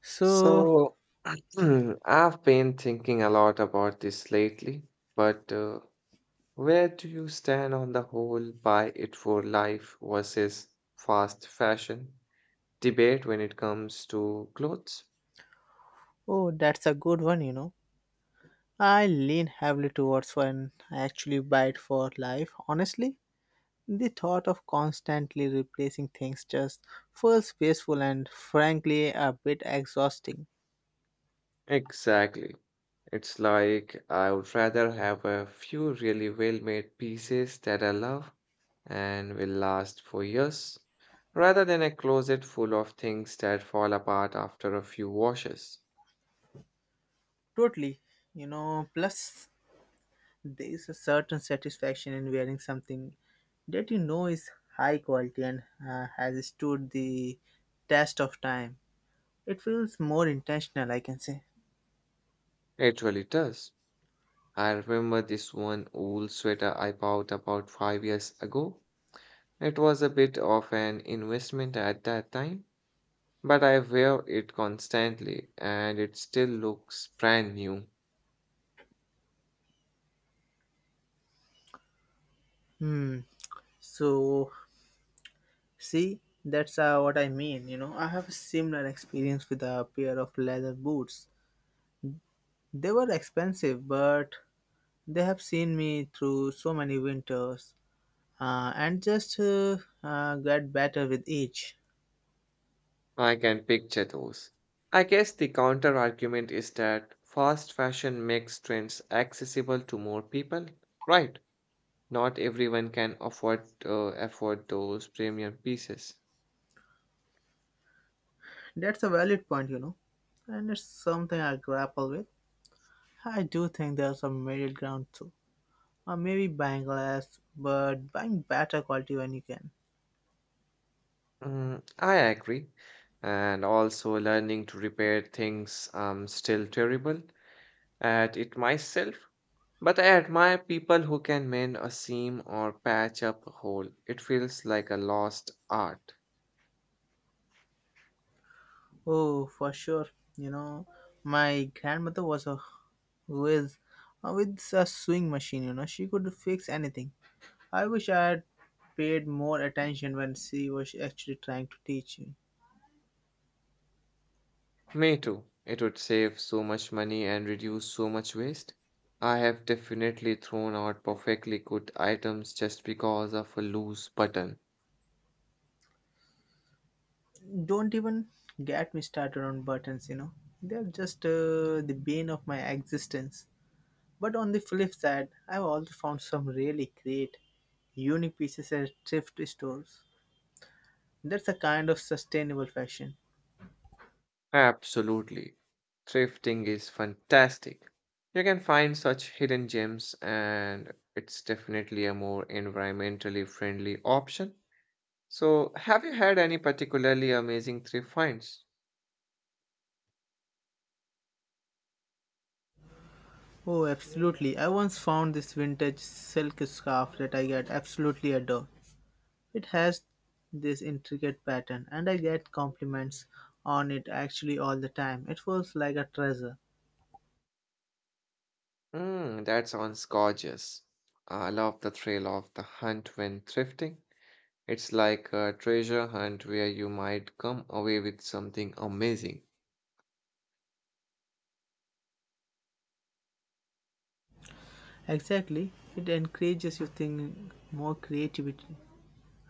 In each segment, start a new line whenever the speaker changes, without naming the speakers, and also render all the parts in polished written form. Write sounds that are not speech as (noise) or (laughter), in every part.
So,
So, (clears throat) I've been thinking a lot about this lately, but where do you stand on the whole buy it for life versus fast fashion debate when it comes to clothes?
oh, that's a good one, you know. I lean heavily towards when I actually buy it for life. Honestly, the thought of constantly replacing things just feels wasteful and frankly a bit exhausting.
Exactly. It's like I would rather have a few really well-made pieces that I love and will last for years, rather than a closet full of things that fall apart after a few washes.
Totally, you know. Plus, there is a certain satisfaction in wearing something that you know is high quality and has stood the test of time. It feels more intentional, I can say.
It really does. I remember this one old sweater I bought about 5 years ago. It was a bit of an investment at that time, but I wear it constantly and it still looks brand new.
Hmm. So, see, that's what I mean. You know, I have a similar experience with a pair of leather boots. They were expensive, but they have seen me through so many winters and just get better with each.
I can picture those. I guess the counter argument is that fast fashion makes trends accessible to more people. Right, not everyone can afford afford those premium pieces.
That's a valid point, you know, and it's something I grapple with. I do think there's some middle ground too, or maybe buying less, but buying better quality when you can.
Mm, I agree. And also learning to repair things I'm still terrible at it myself. But I admire people who can mend a seam or patch up a hole. It feels like a lost art.
Oh, for sure. You know, my grandmother was a who is with a sewing machine. You know, she could fix anything. I wish I had paid more attention when she was actually trying to teach me.
Me too. It would save so much money and reduce so much waste. I have definitely thrown out perfectly good items just because of a loose button.
Don't even get me started on buttons. You know, they're just the bane of my existence. But on the flip side, I've also found some really great, unique pieces at thrift stores. That's a kind of sustainable fashion.
Absolutely. Thrifting is fantastic. You can find such hidden gems, and it's definitely a more environmentally friendly option. So, have you had any particularly amazing thrift finds?
Oh, absolutely. I once found this vintage silk scarf that I get absolutely adore. It has this intricate pattern, and I get compliments on it actually all the time. It feels like a treasure.
Mm, that sounds gorgeous. I love the thrill of the hunt when thrifting. It's like a treasure hunt where you might come away with something amazing.
Exactly. It encourages you think more creativity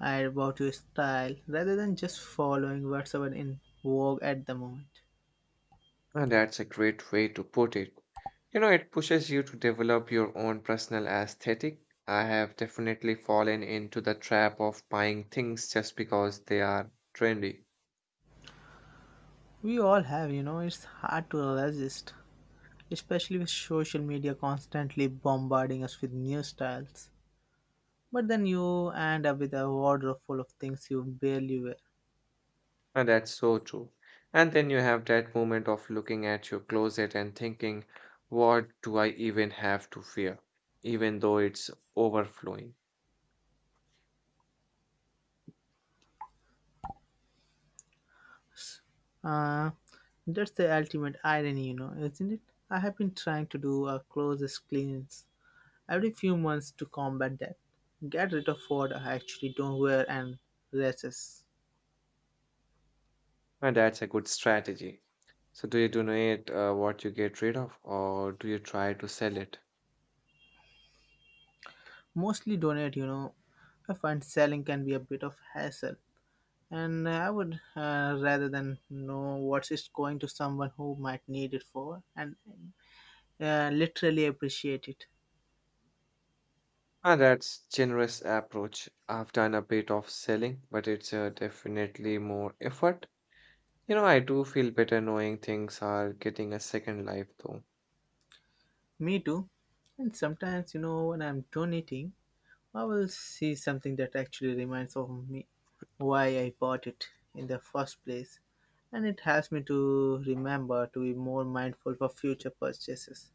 and about your style rather than just following whatever in vogue at the moment.
And that's a great way to put it. You know, it pushes you to develop your own personal aesthetic. I have definitely fallen into the trap of buying things just because they are trendy.
We all have, you know, it's hard to resist, especially with social media constantly bombarding us with new styles. But then you end up with a wardrobe full of things you barely wear.
And that's so true. And then you have that moment of looking at your closet and thinking, what do I even have to fear? Even though it's overflowing.
Uh, that's the ultimate irony, you know, isn't it? I have been trying to do a clothes cleanse every few months to combat that. Get rid of what I actually don't wear and dresses.
And that's a good strategy. So do you donate what you get rid of or do you try to sell it?
Mostly donate, you know. I find selling can be a bit of hassle, and I would rather than know what's it's going to someone who might need it for and literally appreciate it.
And that's generous approach. I've done a bit of selling, but it's definitely more effort. You know, I do feel better knowing things are getting a second life though.
Me too. And sometimes, you know, when I'm donating, I will see something that actually reminds of me why I bought it in the first place. And it helps me to remember to be more mindful for future purchases.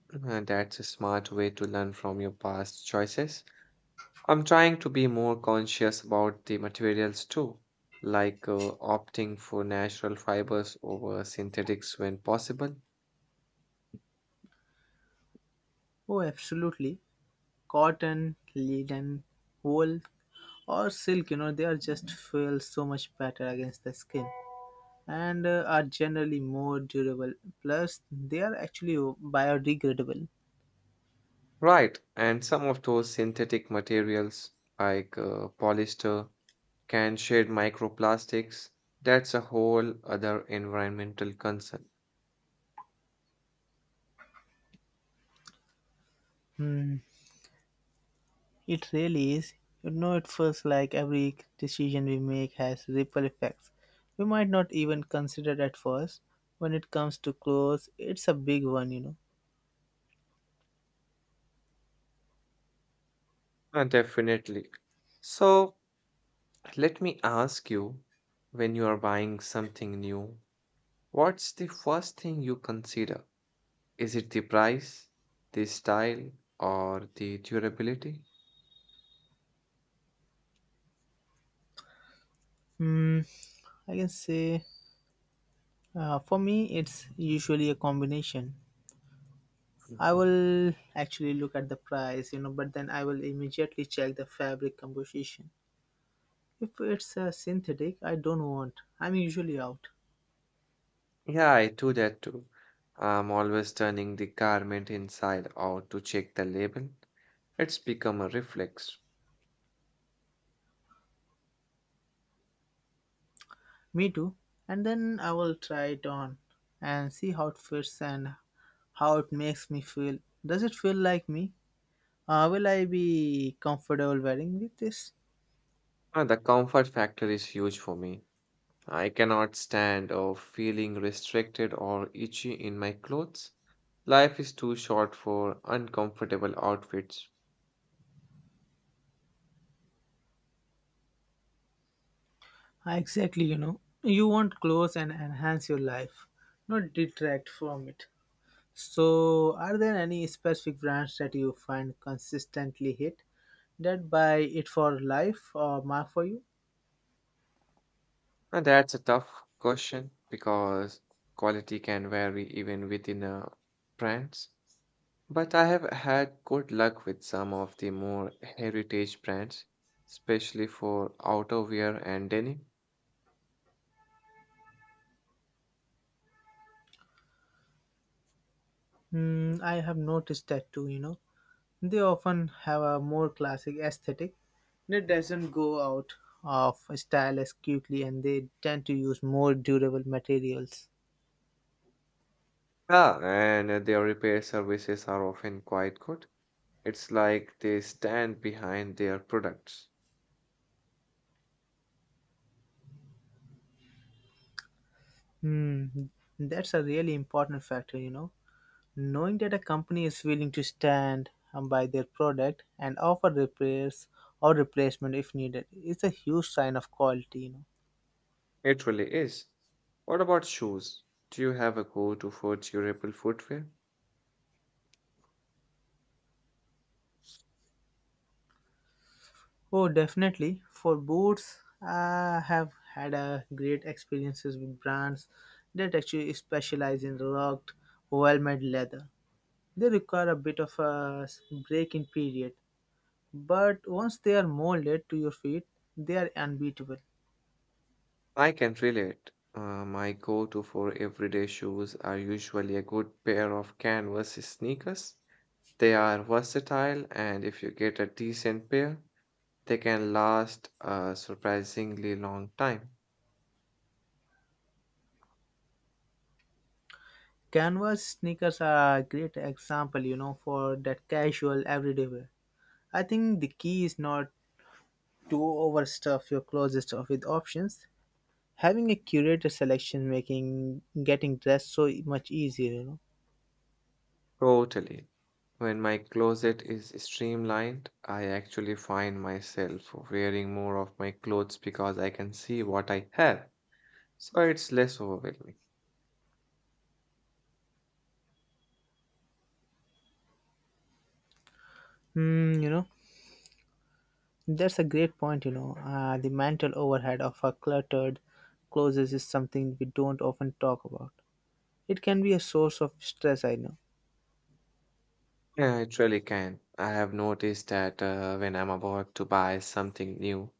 (clears throat) And that's a smart way to learn from your past choices. I'm trying to be more conscious about the materials too, like opting for natural fibers over synthetics when possible.
Oh, absolutely. Cotton, linen, wool, or silk, you know, they are just feel so much better against the skin and are generally more durable. Plus, they are actually biodegradable.
Right, and some of those synthetic materials like polyester can shed microplastics. That's a whole other environmental concern.
Hmm, it really is. You know, it feels like every decision we make has ripple effects. We might not even consider at first. When it comes to clothes, it's a big one, you know.
Definitely. So, let me ask you, when you are buying something new, what's the first thing you consider? Is it the price, the style, or the durability?
Hmm, I can say for me, it's usually a combination. I will actually look at the price, you know, but then I will immediately check the fabric composition. If it's a synthetic, I don't want. I'm usually out.
Yeah, I do that too. I'm always turning the garment inside out to check the label. It's become a reflex.
Me too. And then I will try it on and see how it fits and how it makes me feel. Does it feel like me? Will I be comfortable wearing with this?
The comfort factor is huge for me. I cannot stand of feeling restricted or itchy in my clothes. Life is too short for uncomfortable outfits.
Ah, exactly, you know. You want clothes and enhance your life, not detract from it. So, are there any specific brands that you find consistently hit that buy it for life or mark for you?
And that's a tough question because quality can vary even within brands. But I have had good luck with some of the more heritage brands, especially for outerwear and denim.
Hmm, I have noticed that too, you know. They often have a more classic aesthetic that doesn't go out of style as quickly and they tend to use more durable materials.
Yeah, and their repair services are often quite good. It's like they stand behind their products.
Hmm, that's a really important factor, you know. Knowing that a company is willing to stand by their product and offer repairs or replacement if needed is a huge sign of quality, you know.
It really is. What about shoes? Do you have a go-to for durable footwear?
Oh, definitely. For boots, I have had a great experiences with brands that actually specialize in rugged, well-made leather. They require a bit of a break-in period, but once they are molded to your feet, they are unbeatable.
I can relate. My go-to for everyday shoes are usually a good pair of canvas sneakers. They are versatile, and if you get a decent pair, they can last a surprisingly long time.
Canvas sneakers are a great example, you know, for that casual everyday wear. I think the key is not to overstuff your closet stuff with options, having a curated selection making getting dressed so much easier, you know.
Totally. When my closet is streamlined, I actually find myself wearing more of my clothes because I can see what I have. So it's less overwhelming.
Hmm, you know, that's a great point, you know. The mental overhead of a cluttered clothes is something we don't often talk about. It can be a source of stress, I know.
Yeah, it really can. I have noticed that when I'm about to buy something new,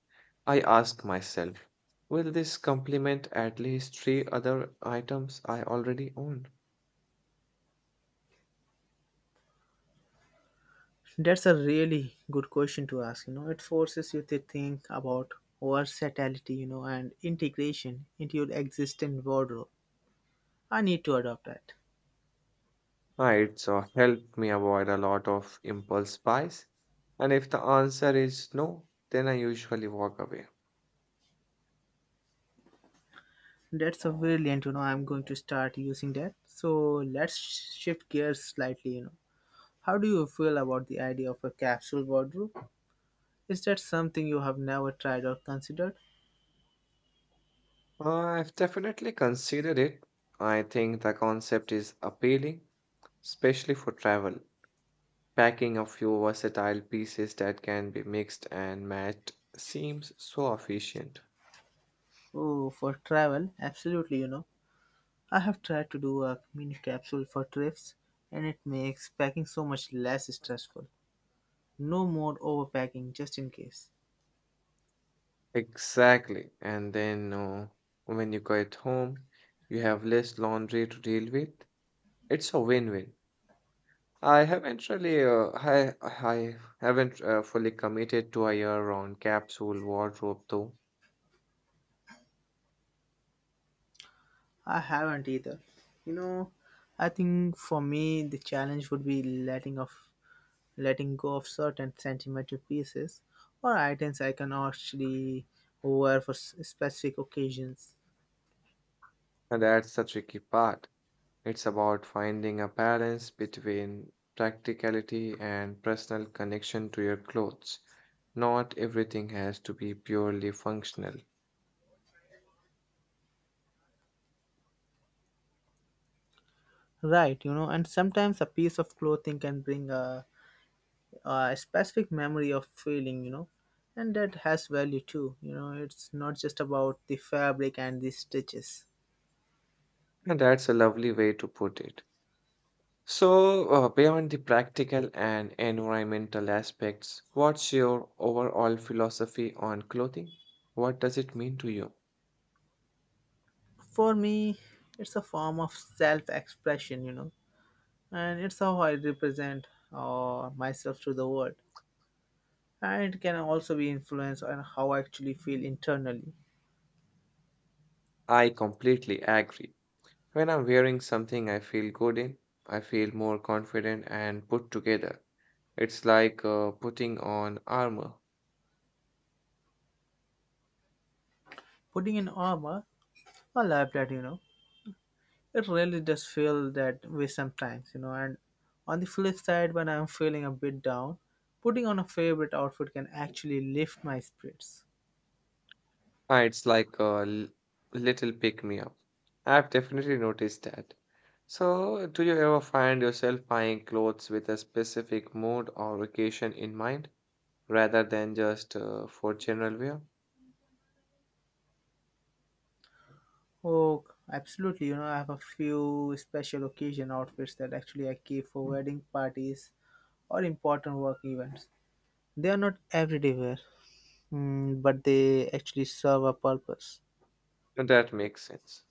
I ask myself, will this complement at least 3 other items I already own?
That's a really good question to ask, you know. It forces you to think about versatility, you know, and integration into your existing wardrobe. I need to adopt that.
Ah, it's helped me avoid a lot of impulse buys. And if the answer is no, then I usually walk away.
That's a brilliant, you know. I'm going to start using that. So let's shift gears slightly, you know. How do you feel about the idea of a capsule wardrobe? Is that something you have never tried or considered?
I've definitely considered it. I think the concept is appealing, especially for travel. Packing a few versatile pieces that can be mixed and matched seems so efficient.
Oh, for travel, absolutely, you know. I have tried to do a mini capsule for trips and it makes packing so much less stressful. No more overpacking just in case.
Exactly. And then when you get home, you have less laundry to deal with. It's a win-win. I haven't fully committed to a year-round capsule wardrobe though,
I haven't either. You know, I think for me the challenge would be letting go of certain sentimental pieces or items I can actually wear for specific occasions.
and that's the tricky part. It's about finding a balance between practicality and personal connection to your clothes. Not everything has to be purely functional.
Right, you know, and sometimes a piece of clothing can bring a specific memory of feeling, you know, and that has value too. You know, it's not just about the fabric and the stitches.
And that's a lovely way to put it. So, beyond the practical and environmental aspects, what's your overall philosophy on clothing? What does it mean to you?
For me, it's a form of self expression, you know, and it's how I represent myself to the world. And it can also be influenced on how I actually feel internally.
I completely agree. When I'm wearing something I feel good in, I feel more confident and put together. It's like putting on armor.
Putting in armor, I love that, you know. It really does feel that way sometimes, you know. And on the flip side, when I'm feeling a bit down, putting on a favorite outfit can actually lift my spirits.
Ah, it's like a little pick me up. I've definitely noticed that. So, do you ever find yourself buying clothes with a specific mood or occasion in mind rather than just for general wear?
Oh, absolutely, you know. I have a few special occasion outfits that actually I keep for wedding parties or important work events. They are not everyday wear, mm, but they actually serve a purpose.
That makes sense.